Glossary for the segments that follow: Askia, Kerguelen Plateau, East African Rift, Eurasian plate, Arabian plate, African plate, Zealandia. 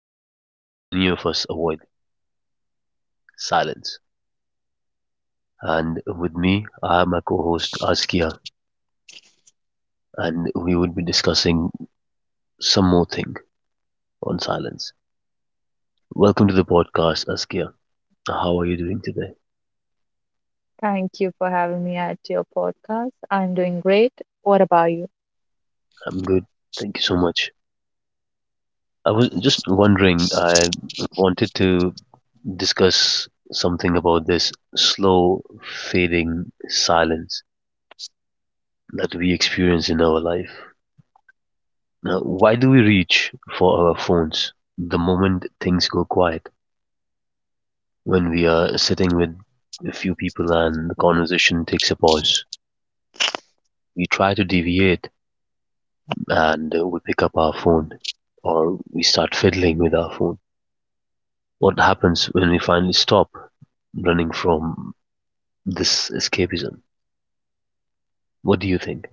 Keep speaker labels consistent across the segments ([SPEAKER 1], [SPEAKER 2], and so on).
[SPEAKER 1] something many of us avoid: silence. And with me, I have my co-host Askia, and we would be discussing some more thing on silence. Welcome to the podcast, Askia. How are you doing today?
[SPEAKER 2] Thank you for having me at your podcast. I'm doing great. What about you?
[SPEAKER 1] I'm good. Thank you so much. I was just wondering, I wanted to discuss something about this slow fading silence that we experience in our life. Now, why do we reach for our phones the moment things go quiet? When we are sitting with a few people and the conversation takes a pause, we try to deviate and we pick up our phone or we start fiddling with our phone. What happens when we finally stop running from this escapism. What do you think?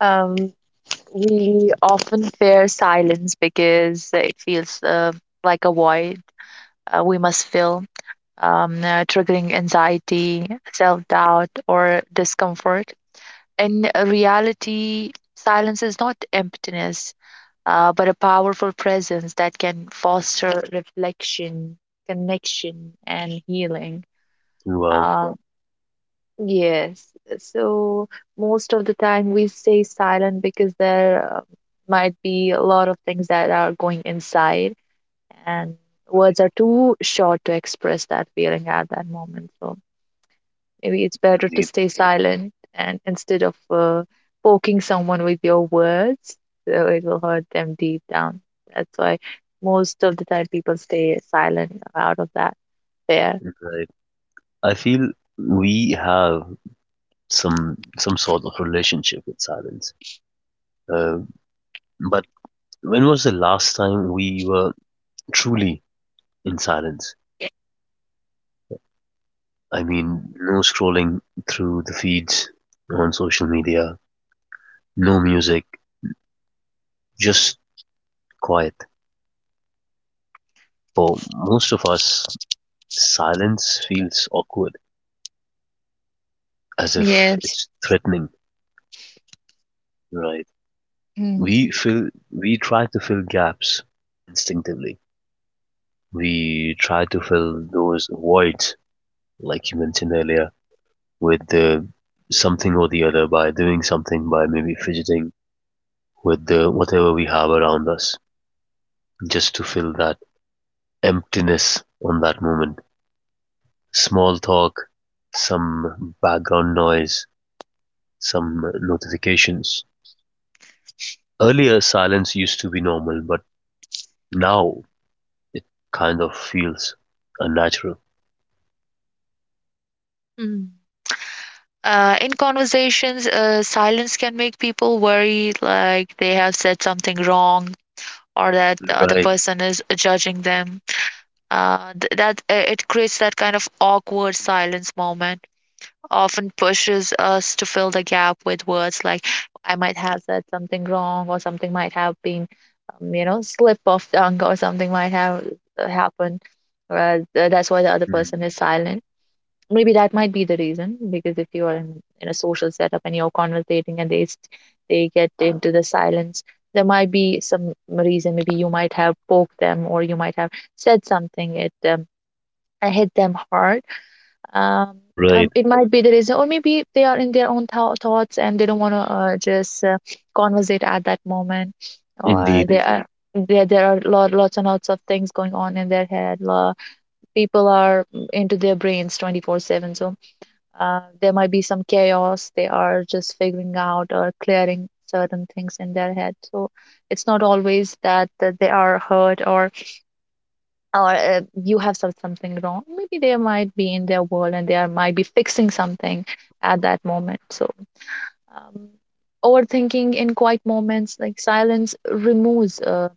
[SPEAKER 2] Um, we often fear silence because it feels like a void we must fill, triggering anxiety, self doubt, or discomfort. In reality, silence is not emptiness, but a powerful presence that can foster reflection, connection, and healing.
[SPEAKER 1] Wow.
[SPEAKER 2] Um, Yes. So most of the time we stay silent because there might be a lot of things that are going inside, and words are too short to express that feeling at that moment. So maybe it's better to
[SPEAKER 1] Zid.
[SPEAKER 2] stay silent and instead of poking someone with your words, so it will hurt them deep down. That's why most of the time people stay silent out of that fear.
[SPEAKER 1] Right. I feel we have some sort of relationship with silence. Uh, but when was the last time we were truly in silence? I mean, no scrolling through the feeds on social media, no music, just quiet. For most of us, silence feels awkward, as if
[SPEAKER 2] Yes.
[SPEAKER 1] it's threatening, right?
[SPEAKER 2] Mm.
[SPEAKER 1] We try to fill gaps instinctively. We try to fill those voids, like you mentioned earlier, with the something or the other by doing something by maybe fidgeting with the whatever we have around us, just to fill that emptiness on that moment. Small talk, some background noise, some notifications. Earlier, silence used to be normal, but now it kind of feels unnatural.
[SPEAKER 2] Mm. In conversations, silence can make people worry like they have said something wrong or that the other
[SPEAKER 1] Right.
[SPEAKER 2] person is judging them. Th- that It creates that kind of awkward silence moment, often pushes us to fill the gap with words like I might have said something wrong or something might have been, you know, slip of tongue or something might have happened. That's why the other person
[SPEAKER 1] Mm.
[SPEAKER 2] is silent, maybe that might be the reason because if you are in a social setup and you're conversating and they get into the silence, there might be some reason, maybe you might have poked them or you might have said something, it hit them hard. um,
[SPEAKER 1] Right,
[SPEAKER 2] it might be the reason, or maybe they are in their own thoughts and they don't want to just conversate at that moment, or they
[SPEAKER 1] indeed.
[SPEAKER 2] are there are lots and lots of things going on in their head. People are into their brains 24/7. So there might be some chaos. They are just figuring out or clearing certain things in their head. So it's not always that they are hurt, or you have said something wrong. Maybe they might be in their world and they are, might be fixing something at that moment. So um, overthinking in quiet moments, like silence, removes,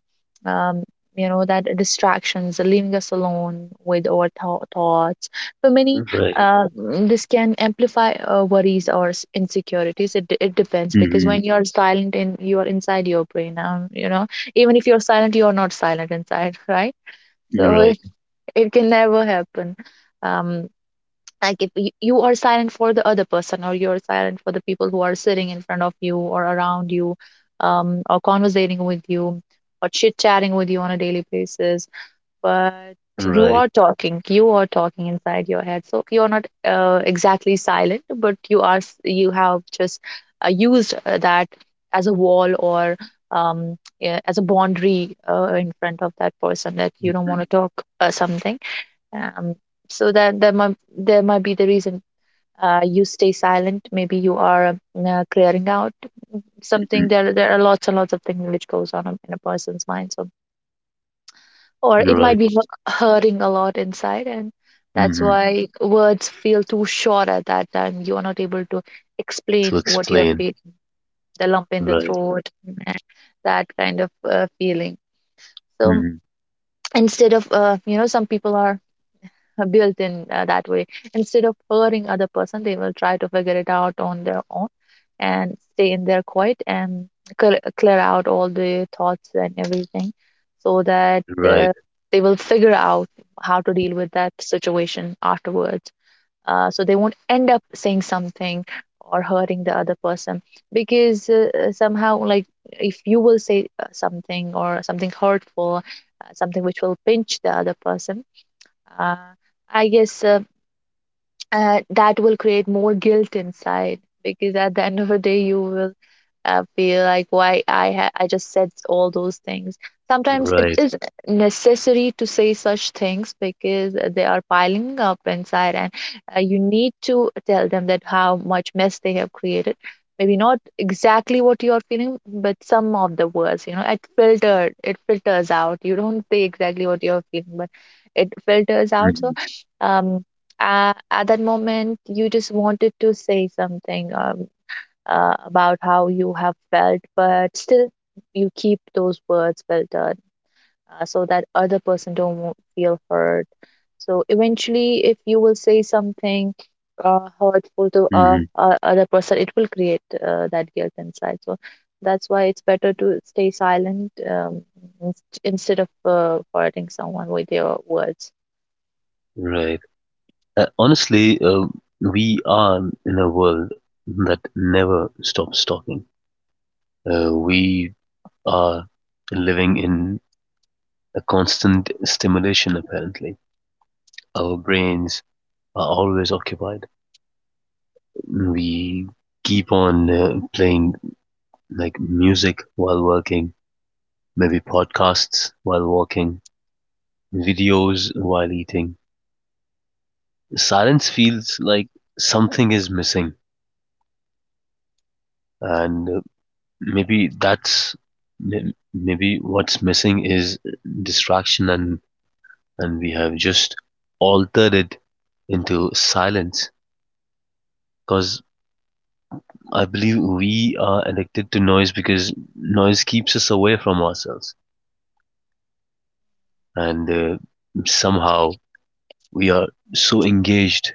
[SPEAKER 2] um, you know, that distractions, leaving us alone with our thoughts. For many,
[SPEAKER 1] Right.
[SPEAKER 2] this can amplify worries or insecurities. It depends because
[SPEAKER 1] Hmm.
[SPEAKER 2] when you are silent, in you are inside your brain. You know, even if you're silent, you are not silent inside, right? So
[SPEAKER 1] Right.
[SPEAKER 2] it can never happen. Um, like if you are silent for the other person, or you're silent for the people who are sitting in front of you or around you, or conversating with you, or chit chatting with you on a daily basis. But
[SPEAKER 1] Right.
[SPEAKER 2] you are talking inside your head, so you're not exactly silent, but you have just used that as a wall, or yeah, as a boundary in front of that person, that you don't want to talk something. Um, so that that might there might be the reason you stay silent. Maybe you are clearing out something. There are lots and lots of things which goes on in a person's mind. So, or
[SPEAKER 1] Hmm.
[SPEAKER 2] it might
[SPEAKER 1] Right.
[SPEAKER 2] be hurting a lot inside, and that's
[SPEAKER 1] Hmm.
[SPEAKER 2] why words feel too short at that time. You are not able to
[SPEAKER 1] To
[SPEAKER 2] explain what you're
[SPEAKER 1] explain.
[SPEAKER 2] feeling, the lump in the
[SPEAKER 1] Right.
[SPEAKER 2] throat, that kind of feeling. So
[SPEAKER 1] Hmm.
[SPEAKER 2] instead of you know, some people are built in that way. Instead of hurting other person, they will try to figure it out on their own and stay in their quiet and clear out all the thoughts and everything, so that
[SPEAKER 1] Right.
[SPEAKER 2] they will figure out how to deal with that situation afterwards. So they won't end up saying something or hurting the other person, because somehow, like, if you will say something or something hurtful, something which will pinch the other person. uh, I guess that will create more guilt inside, because at the end of the day, you will, I feel like, I just said all those things. Sometimes it
[SPEAKER 1] Right.
[SPEAKER 2] is necessary to say such things because they are piling up inside, and you need to tell them that how much mess they have created. Maybe not exactly what you are feeling, but some of the words, you know, it filters out. You don't say exactly what you are feeling, but it filters out. So,
[SPEAKER 1] Hmm.
[SPEAKER 2] um, at that moment, you just wanted to say something. About how you have felt, but still you keep those words filtered so that other person don't feel hurt. So eventually, if you will say something hurtful to
[SPEAKER 1] Hmm.
[SPEAKER 2] other person, it will create that guilt inside. So that's why it's better to stay silent, instead of hurting someone with your words.
[SPEAKER 1] Right. Honestly, we are in a world that never stops talking. We are living in a constant stimulation, apparently. Our brains are always occupied. We keep on playing like music while working, maybe podcasts while walking, videos while eating. Silence feels like something is missing, and maybe that's maybe what's missing is distraction, and we have just altered it into silence. Because I believe we are addicted to noise because noise keeps us away from ourselves, and somehow we are so engaged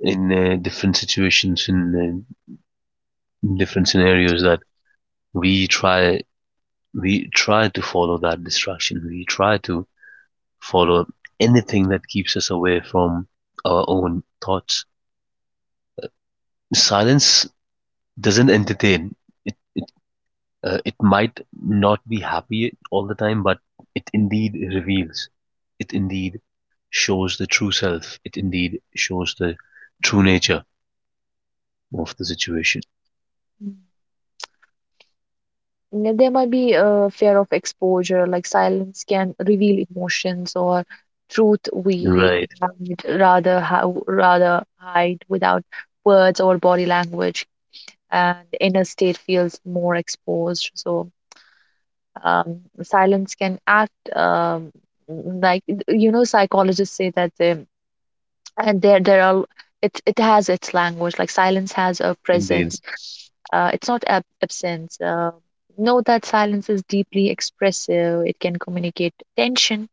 [SPEAKER 1] in different situations in different scenarios that we try we try to follow that distraction, we try to follow anything that keeps us away from our own thoughts. Silence doesn't entertain. It it, uh, it might not be happy all the time, but it indeed reveals, it indeed shows the true self, it indeed shows the true nature of the situation.
[SPEAKER 2] There might be a fear of exposure, like silence can reveal emotions or truth we
[SPEAKER 1] Right.
[SPEAKER 2] would rather hide. Without words or body language, and inner state feels more exposed. So silence can act, like, you know, psychologists say that. The and there are it It has its language, like silence has a
[SPEAKER 1] Indeed.
[SPEAKER 2] presence. It's not absence. Know that silence is deeply expressive, it can communicate tension,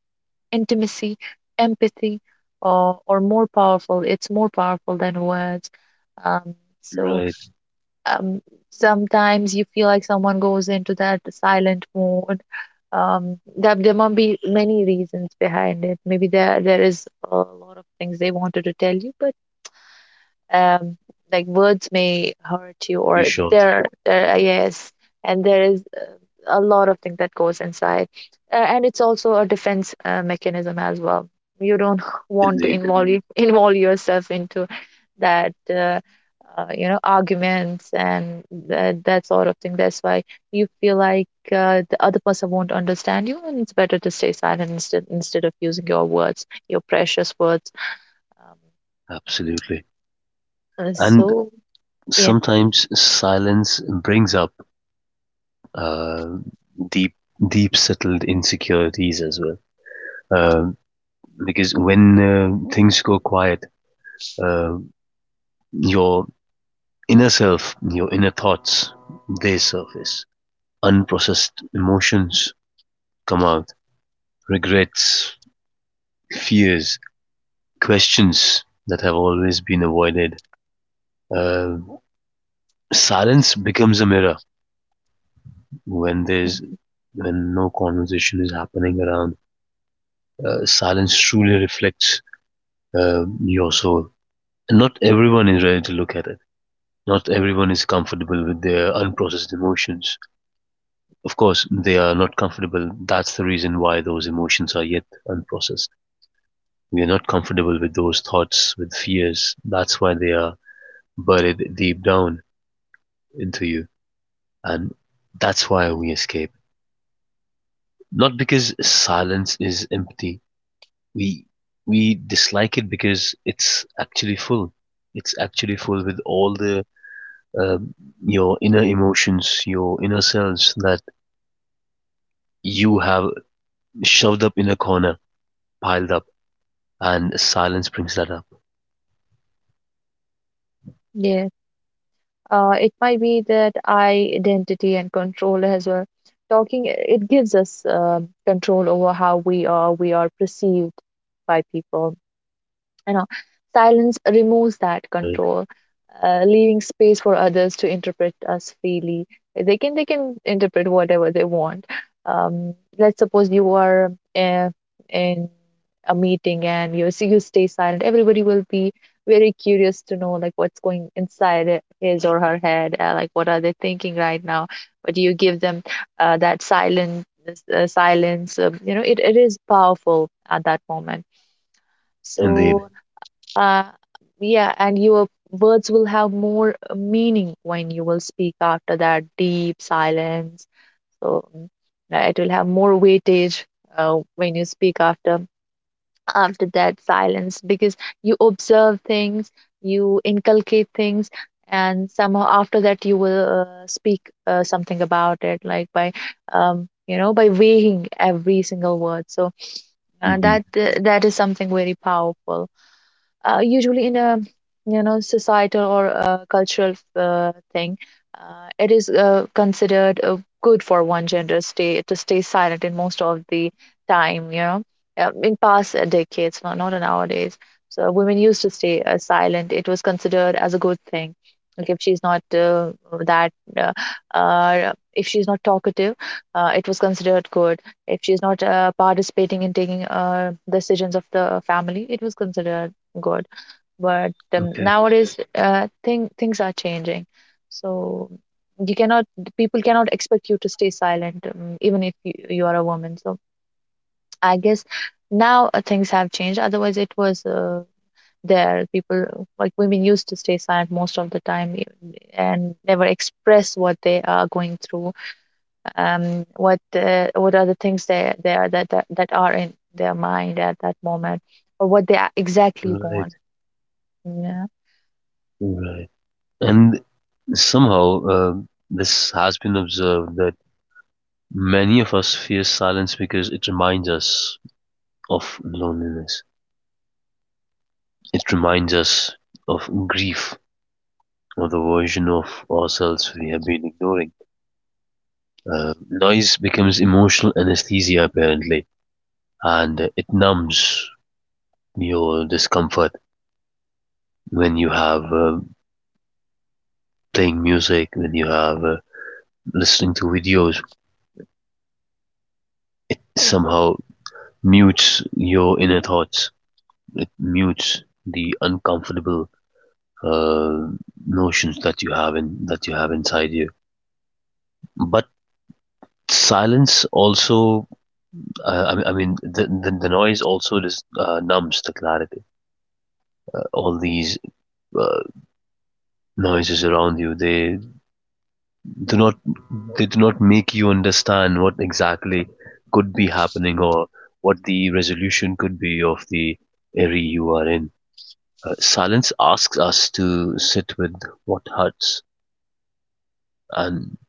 [SPEAKER 2] intimacy, empathy, or more powerful, it's more powerful than words. um, so
[SPEAKER 1] Right.
[SPEAKER 2] um, Sometimes you feel like someone goes into that silent mode, that there might be many reasons behind it. Maybe there is a lot of things they wanted to tell you, but um, like, words may hurt you,
[SPEAKER 1] Be
[SPEAKER 2] or
[SPEAKER 1] sure.
[SPEAKER 2] there yes, and there is a lot of things that goes inside. And it's also a defense mechanism as well. You don't want to
[SPEAKER 1] Indeed,
[SPEAKER 2] involve yourself into that, you know, arguments and that sort of thing. That's why you feel like the other person won't understand you, and it's better to stay silent, instead of using your words, your precious words. um,
[SPEAKER 1] absolutely. And
[SPEAKER 2] so yeah.
[SPEAKER 1] sometimes silence brings up uh, deep, deep settled insecurities as well. Um because when things go quiet, uh, your inner self, your inner thoughts, they surface. Unprocessed emotions come out, regrets, fears, questions that have always been avoided. Uh, Silence becomes a mirror when there's when no conversation is happening around. Silence truly reflects your soul. And not everyone is ready to look at it. Not everyone is comfortable with their unprocessed emotions. Of course, they are not comfortable. That's the reason why those emotions are yet unprocessed. We are not comfortable with those thoughts, with fears. That's why they are buried deep down into you. And that's why we escape. Not because silence is empty, we we dislike it because it's actually full. It's actually full with all the um, your inner emotions, your inner selves that you have shoved up in a corner, piled up, and silence brings that up.
[SPEAKER 2] Yes, it might be that identity and control as well. Talking, it gives us control over how we are perceived by people. You know, silence removes that
[SPEAKER 1] Right,
[SPEAKER 2] control, leaving space for others to interpret us freely. They can interpret whatever they want. Um, let's suppose you are in a meeting and you see you stay silent. Everybody will be very curious to know, like, what's going inside his or her head, like, what are they thinking right now. But you give them that silent silence. Um, you know, it is powerful at that moment.
[SPEAKER 1] indeed.
[SPEAKER 2] So uh, yeah, and your words will have more meaning when you will speak after that deep silence. So it will have more weightage when you speak after that silence, because you observe things, you inculcate things, and somehow after that you will speak something about it, like, by you know, by weighing every single word. So
[SPEAKER 1] Hmm.
[SPEAKER 2] that is something very powerful. Usually, in a, you know, societal or a cultural thing, it is considered good for one gender stay to stay silent in most of the time, you know. In past decades, not nowadays, so women used to stay silent. It was considered as a good thing. Like, if she's not that uh, if she's not talkative, it was considered good. If she's not participating in taking decisions of the family, it was considered good. But
[SPEAKER 1] Okay,
[SPEAKER 2] nowadays, things are changing. So you cannot, people cannot expect you to stay silent, even if you are a woman. So I guess now things have changed. Otherwise, it was there. People, like, women used to stay silent most of the time, and never express what they are going through. What are the things they are that, that that are in their mind at that moment, or what exactly
[SPEAKER 1] right,
[SPEAKER 2] want. Yeah.
[SPEAKER 1] right. And somehow, this has been observed that many of us fear silence because it reminds us of loneliness. It reminds us of grief or the version of ourselves we have been ignoring. Noise becomes emotional anesthesia, apparently, and it numbs your discomfort when you have playing music, when you have listening to videos. It somehow mutes your inner thoughts, it mutes the uncomfortable uh, notions that you have inside you. But silence also. I mean, the noise also just numbs the clarity. All these uh, noises around you, they do not make you understand what exactly could be happening or what the resolution could be of the area you are in. Silence asks us to sit with what hurts, and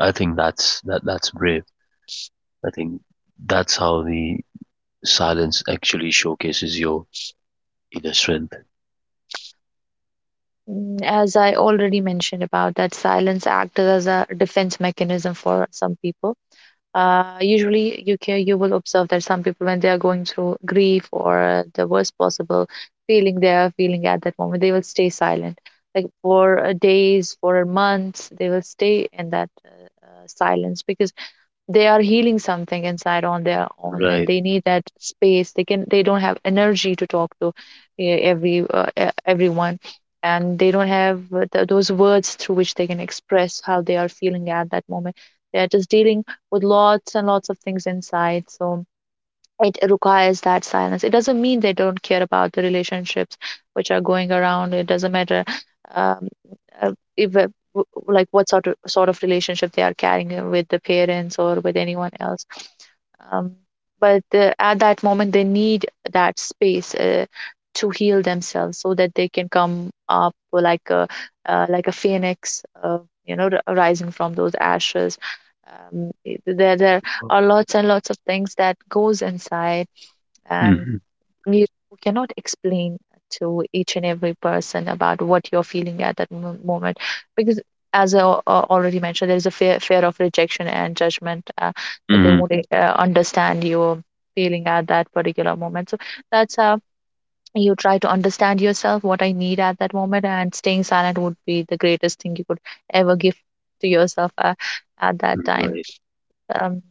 [SPEAKER 1] I think that's brave. I think that's how the silence actually showcases your inner strength.
[SPEAKER 2] Mm, as I already mentioned about that silence acts as a defense mechanism for some people. Usually, you will observe that some people, when they are going through grief or the worst possible feeling they are feeling at that moment, they will stay silent. Like for days, for months, they will stay in that silence, because they are healing something inside on their own, and
[SPEAKER 1] Right.
[SPEAKER 2] they need that space. They don't have energy to talk to every everyone, and they don't have those words through which they can express how they are feeling at that moment. They are just dealing with lots and lots of things inside, so it requires that silence. It doesn't mean they don't care about the relationships which are going around. It doesn't matter um, if, w- like what sort of relationship they are carrying with the parents or with anyone else. um, but at that moment, they need that space to heal themselves, so that they can come up like a phoenix, rising from those ashes. There are lots and lots of things that goes inside, and
[SPEAKER 1] Mhm.
[SPEAKER 2] you cannot explain to each and every person about what you're feeling at that moment, because, as I already mentioned, there is a fear of rejection and judgment, that they
[SPEAKER 1] Mhm.
[SPEAKER 2] won't understand your feeling at that particular moment. So that's how you try to understand yourself, what I need at that moment, and staying silent would be the greatest thing you could ever give to yourself at that time.
[SPEAKER 1] Right.
[SPEAKER 2] Um,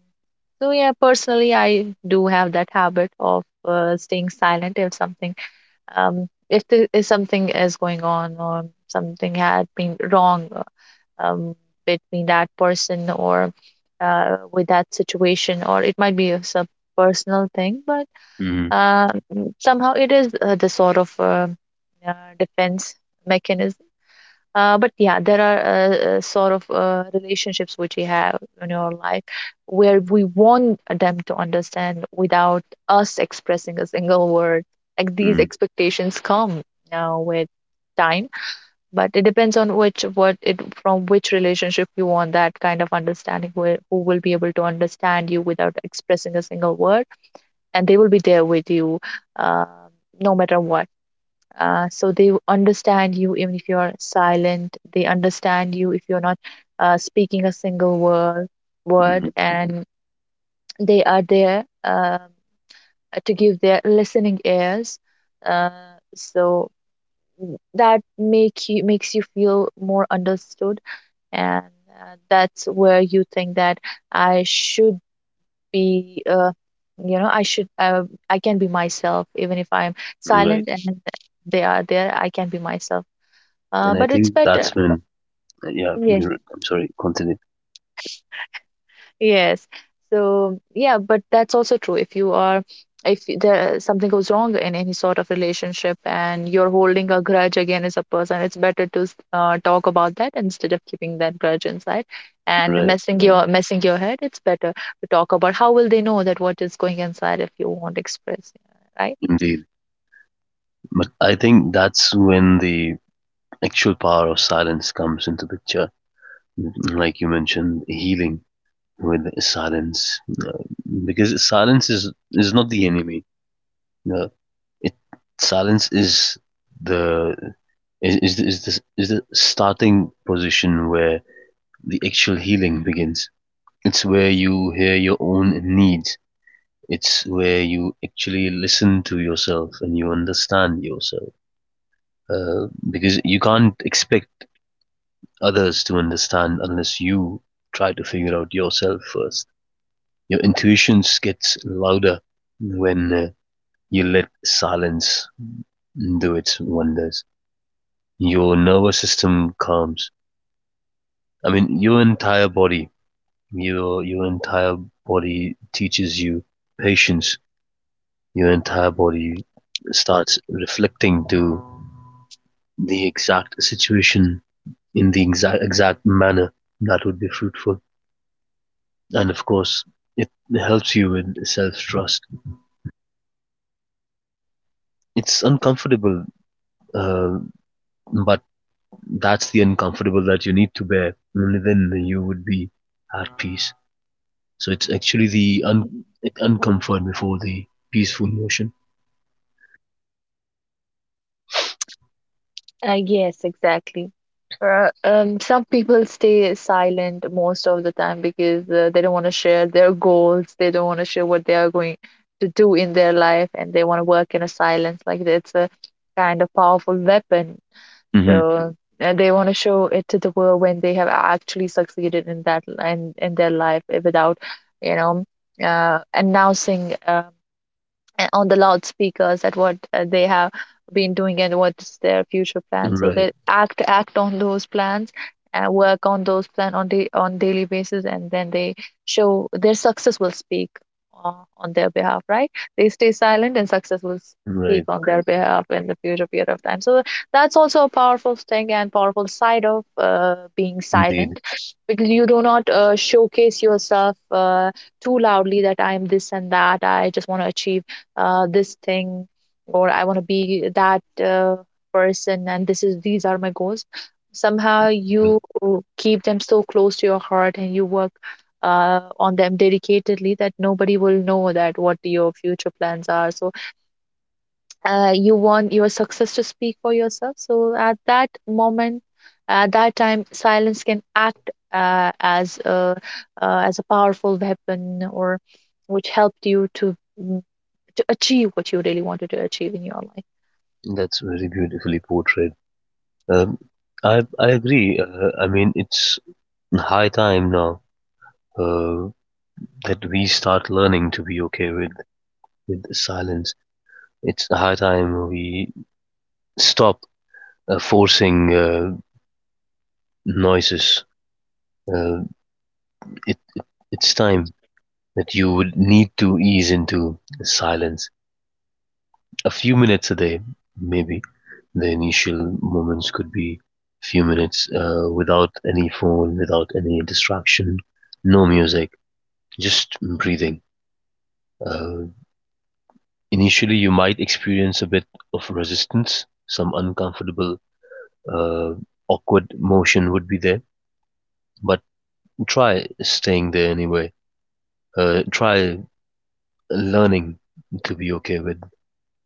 [SPEAKER 2] so yeah, personally, I do have that habit of staying silent if something, if there is something is going on or something had been wrong, um, between that person or with that situation, or it might be a sub personal thing, but
[SPEAKER 1] Mm,
[SPEAKER 2] uh, somehow it is the sort of uh, defense mechanism. But yeah, there are sort of relationships which we have in our life, where we want them to understand without us expressing a single word, like these
[SPEAKER 1] mm,
[SPEAKER 2] expectations come now with time. But it depends on which what it from which relationship you want that kind of understanding, where who will be able to understand you without expressing a single word, and they will be there with you, uh, no matter what. So they understand you even if you're silent. They understand you if you're not speaking a single word.
[SPEAKER 1] mm,
[SPEAKER 2] And they are there, to give their listening ears. Uh, so that makes you feel more understood, and that's where you think that I should be. I should. I can be myself even if I'm
[SPEAKER 1] right.
[SPEAKER 2] silent, and they are there. I can be myself,
[SPEAKER 1] And I
[SPEAKER 2] but it's
[SPEAKER 1] think
[SPEAKER 2] better.
[SPEAKER 1] that's
[SPEAKER 2] Yeah.
[SPEAKER 1] when, yeah,
[SPEAKER 2] Yeah.
[SPEAKER 1] you're, I'm sorry, continue.
[SPEAKER 2] Yes. So yeah, but that's also true. If you are, if y- there something goes wrong in any sort of relationship, and you're holding a grudge against a person, it's better to talk about that, instead of keeping that grudge inside and
[SPEAKER 1] Right.
[SPEAKER 2] messing your head. It's better to talk about, how will they know that what is going inside if you won't express, right?
[SPEAKER 1] Indeed. But I think that's when the actual power of silence comes into picture. Like you mentioned, healing with silence. Because silence is not the enemy. Uh, it, silence the, is the starting position where the actual healing begins. It's where you hear your own needs. It's where you actually listen to yourself and you understand yourself. Because you can't expect others to understand unless you try to figure out yourself first. Your intuitions gets louder when you let silence do its wonders. Your nervous system calms. I mean, your entire body, your entire body teaches you patience. Your entire body starts reflecting to the exact situation in the exact manner that would be fruitful. And of course, it helps you with self trust. It's uncomfortable, uh, but that's the uncomfortable that you need to bear. Only then you would be at peace. So it's actually the uncomfort before the peaceful motion.
[SPEAKER 2] Yes, exactly. Some people stay silent most of the time, because they don't want to share their goals. They don't want to share what they are going to do in their life, and they want to work in a silence. Like, it's a kind of powerful weapon.
[SPEAKER 1] Hmm.
[SPEAKER 2] So they want to show it to the world when they have actually succeeded in their life without, you know, announcing. On the loudspeakers at what they have been doing and what's their future plan, so
[SPEAKER 1] Right,
[SPEAKER 2] they act on those plans and work on those plan on daily basis, and then they show their success will speak uh, on their behalf, right? They stay silent, and success will speak
[SPEAKER 1] right,
[SPEAKER 2] on their behalf in the future period of time. So that's also a powerful thing and powerful side of being
[SPEAKER 1] indeed.
[SPEAKER 2] silent, because you do not showcase yourself too loudly that I'm this and that. I just want to achieve this thing, or I want to be that person, and this is these are my goals. Somehow,
[SPEAKER 1] Well,
[SPEAKER 2] you keep them so close to your heart, and you work on them dedicatedly, that nobody will know that what your future plans are. So you want your success to speak for yourself. So at that moment, at that time, silence can act as a powerful weapon, or which helped you to achieve what you really wanted to achieve in your life.
[SPEAKER 1] that's very beautifully portrayed. Um, I agree. I mean, it's high time now uh, that we start learning to be okay with silence. It's high time we stop forcing noises. Uh, it, it it's time that you would need to ease into silence. A few minutes a day, maybe. The initial moments could be few minutes without any phone, without any distraction, no music, just breathing. Uh, Initially, you might experience a bit of resistance, some uncomfortable, uh, awkward motion would be there, but try staying there anyway. Try learning to be okay with,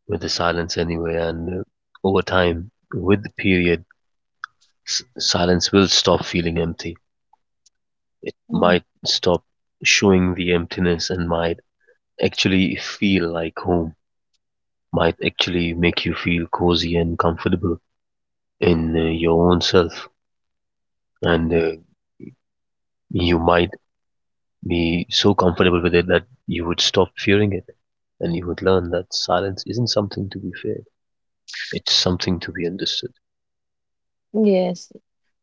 [SPEAKER 1] with the silence anyway, and over time, with the period, silence will stop feeling empty. It
[SPEAKER 2] Mm.
[SPEAKER 1] might stop showing the emptiness and might actually feel like home, might actually make you feel cozy and comfortable in your own self, and you might be so comfortable with it that you would stop fearing it, and you would learn that silence isn't something to be feared; it's something to be understood.
[SPEAKER 2] Yes,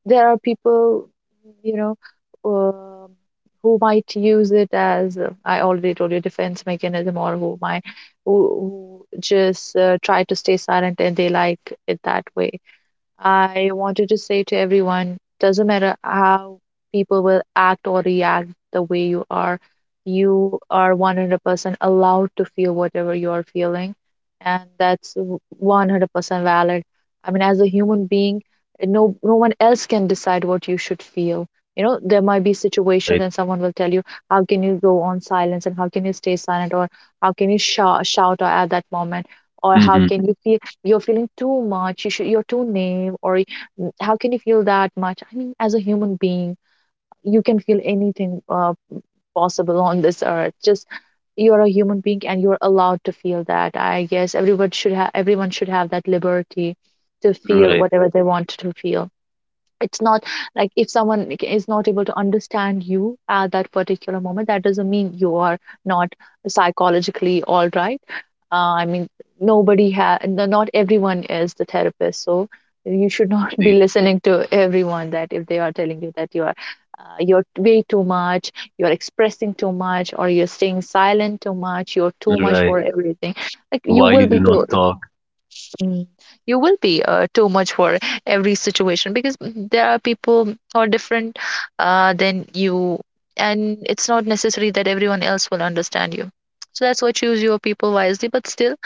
[SPEAKER 2] there are people, you know, um who might use it as, I already told you, defense mechanism, or who, who just try to stay silent, and they like it that way. I wanted to say to everyone, doesn't matter how people will act or react the way you are 100% allowed to feel whatever you are feeling, and that's 100% valid. I mean, as a human being, no one else can decide what you should feel. There might be situations,
[SPEAKER 1] Right.
[SPEAKER 2] and someone will tell you, how can you go on silence and how can you stay silent, or how can you shout at that moment, or how
[SPEAKER 1] Hmm.
[SPEAKER 2] can you feel? You're feeling too much, you're too naive, or how can you feel that much? I mean, as a human being, you can feel anything possible on this earth. Just, you're a human being and you're allowed to feel that. I guess everyone should have that liberty to feel
[SPEAKER 1] Right.
[SPEAKER 2] whatever they want to feel. It's not like if someone like is not able to understand you at that particular moment, that doesn't mean you are not psychologically all right. I mean, nobody has not everyone is the therapist, so you should not be
[SPEAKER 1] Indeed.
[SPEAKER 2] listening to everyone that, if they are telling you that you're way too much, you're expressing too much, or you're staying silent too much, you're too much
[SPEAKER 1] Right.
[SPEAKER 2] for everything. Like, you
[SPEAKER 1] Why you
[SPEAKER 2] will
[SPEAKER 1] do
[SPEAKER 2] be
[SPEAKER 1] not
[SPEAKER 2] too.
[SPEAKER 1] talk?
[SPEAKER 2] Mm. You will be too much for every situation, because there are people who are different than you, and it's not necessary that everyone else will understand you. So that's why choose your people wisely. But still,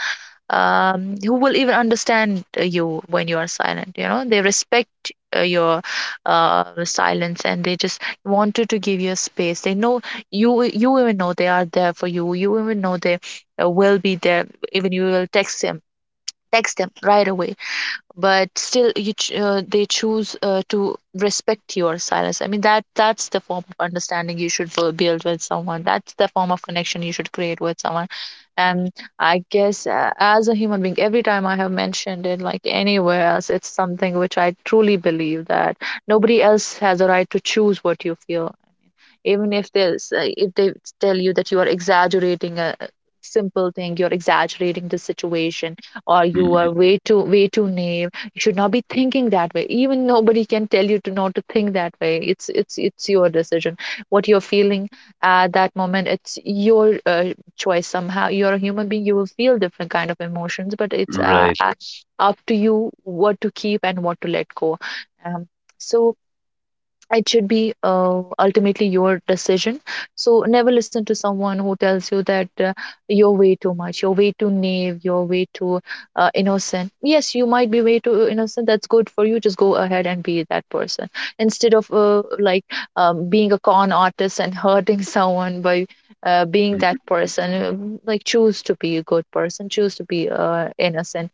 [SPEAKER 2] who will even understand you when you are silent? They respect your silence, and they just wanted to give you a space. They know you, you even know they are there for you. You even know they will be there, even you will text them right away, but still, they choose to respect your silence. I mean, that's the form of understanding you should build with someone, that's the form of connection you should create with someone. And I guess, as a human being, every time I have mentioned it, like anywhere else, it's something which I truly believe, that nobody else has a right to choose what you feel, even if there's if they tell you that you are exaggerating a simple thing, you're exaggerating the situation, or you
[SPEAKER 1] Hmm.
[SPEAKER 2] are way too naive, you should not be thinking that way. Even, nobody can tell you to not to think that way. It's your decision, what you're feeling at that moment. It's your choice. Somehow, you're a human being. You will feel different kind of emotions, but it's
[SPEAKER 1] Right.
[SPEAKER 2] up to you what to keep and what to let go. um, so it should be ultimately your decision. So never listen to someone who tells you that you're way too much, you're way too naive, you're way too innocent. Yes, you might be way too innocent, that's good for you. Just go ahead and be that person, instead of like, being a con artist and hurting someone by being that
[SPEAKER 1] Hmm.
[SPEAKER 2] person. Like, choose to be a good person, choose to be innocent.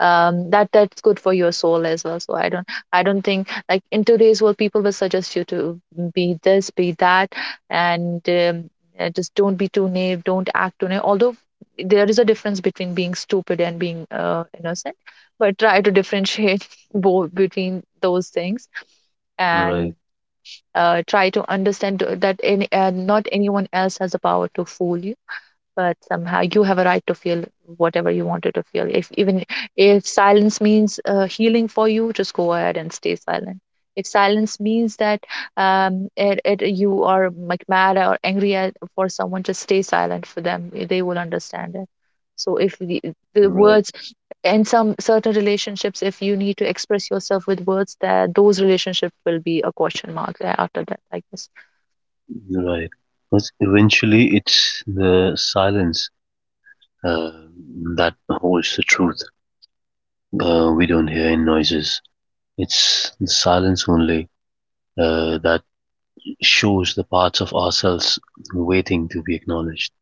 [SPEAKER 2] That's good for your soul as well. So I don't think, like, in today's world, people will suggest you to be this, be that, and just don't be too naive, don't act too naive. Although there is a difference between being stupid and being innocent, but try to differentiate both between those things. And
[SPEAKER 1] Right.
[SPEAKER 2] try to understand that not anyone else has the power to fool you, but somehow, you have a right to feel whatever you wanted to feel. If, even if silence means healing for you, just go ahead and stay silent. If silence means that, you are like mad or angry for someone, just stay silent for them, they will understand it. So if the
[SPEAKER 1] Right.
[SPEAKER 2] words, in some certain relationships, if you need to express yourself with words, that those relationships will be a question mark, after that, I guess.
[SPEAKER 1] Right. But eventually, it's the silence uh, that holds the truth. We don't hear any noises. It's the silence only that shows the parts of ourselves waiting to be acknowledged.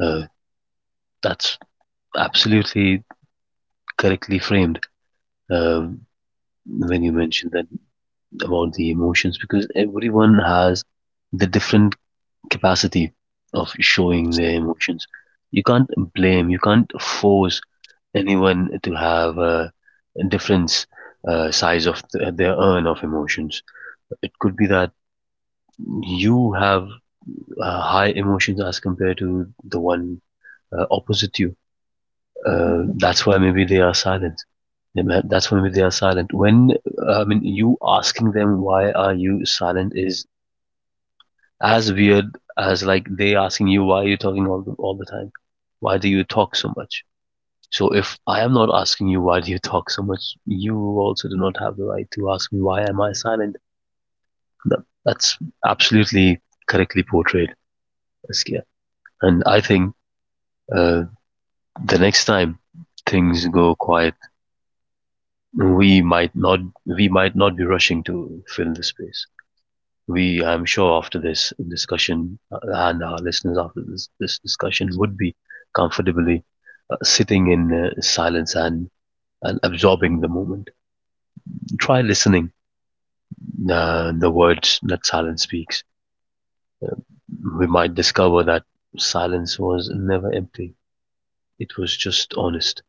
[SPEAKER 1] Uh, that's absolutely correctly framed uh, when you mentioned that about the emotions, because everyone has the different capacity of showing their emotions. You can't blame, you can't force anyone to have a difference size of their urn of emotions. It could be that you have high emotions as compared to the one opposite you.
[SPEAKER 2] Mhm.
[SPEAKER 1] That's why maybe they are silent. That's why maybe they are silent. When I mean you asking them why are you silent is as weird as like they asking you why are you talking all the time. Why do you talk so much? So if I am not asking you why do you talk so much, you also do not have the right to ask me why am I silent. That's absolutely correctly portrayed, Saskia. And I think uh, the next time things go quiet we might not we might not be rushing to fill the space. We, I'm sure, after this discussion and our listeners after this discussion would be comfortably sitting in silence and absorbing the moment. Try listening the words that silence speaks. We might discover that silence was never empty. It was just honest.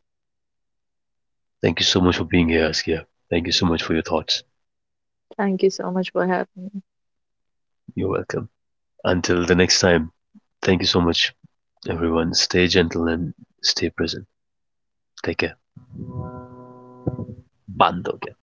[SPEAKER 1] Thank you so much for being here, Askia. Thank you so much for your thoughts.
[SPEAKER 2] Thank you so much for having me.
[SPEAKER 1] You're welcome. Until the next time, thank you so much. Everyone, stay gentle and stay present. Take care. Bando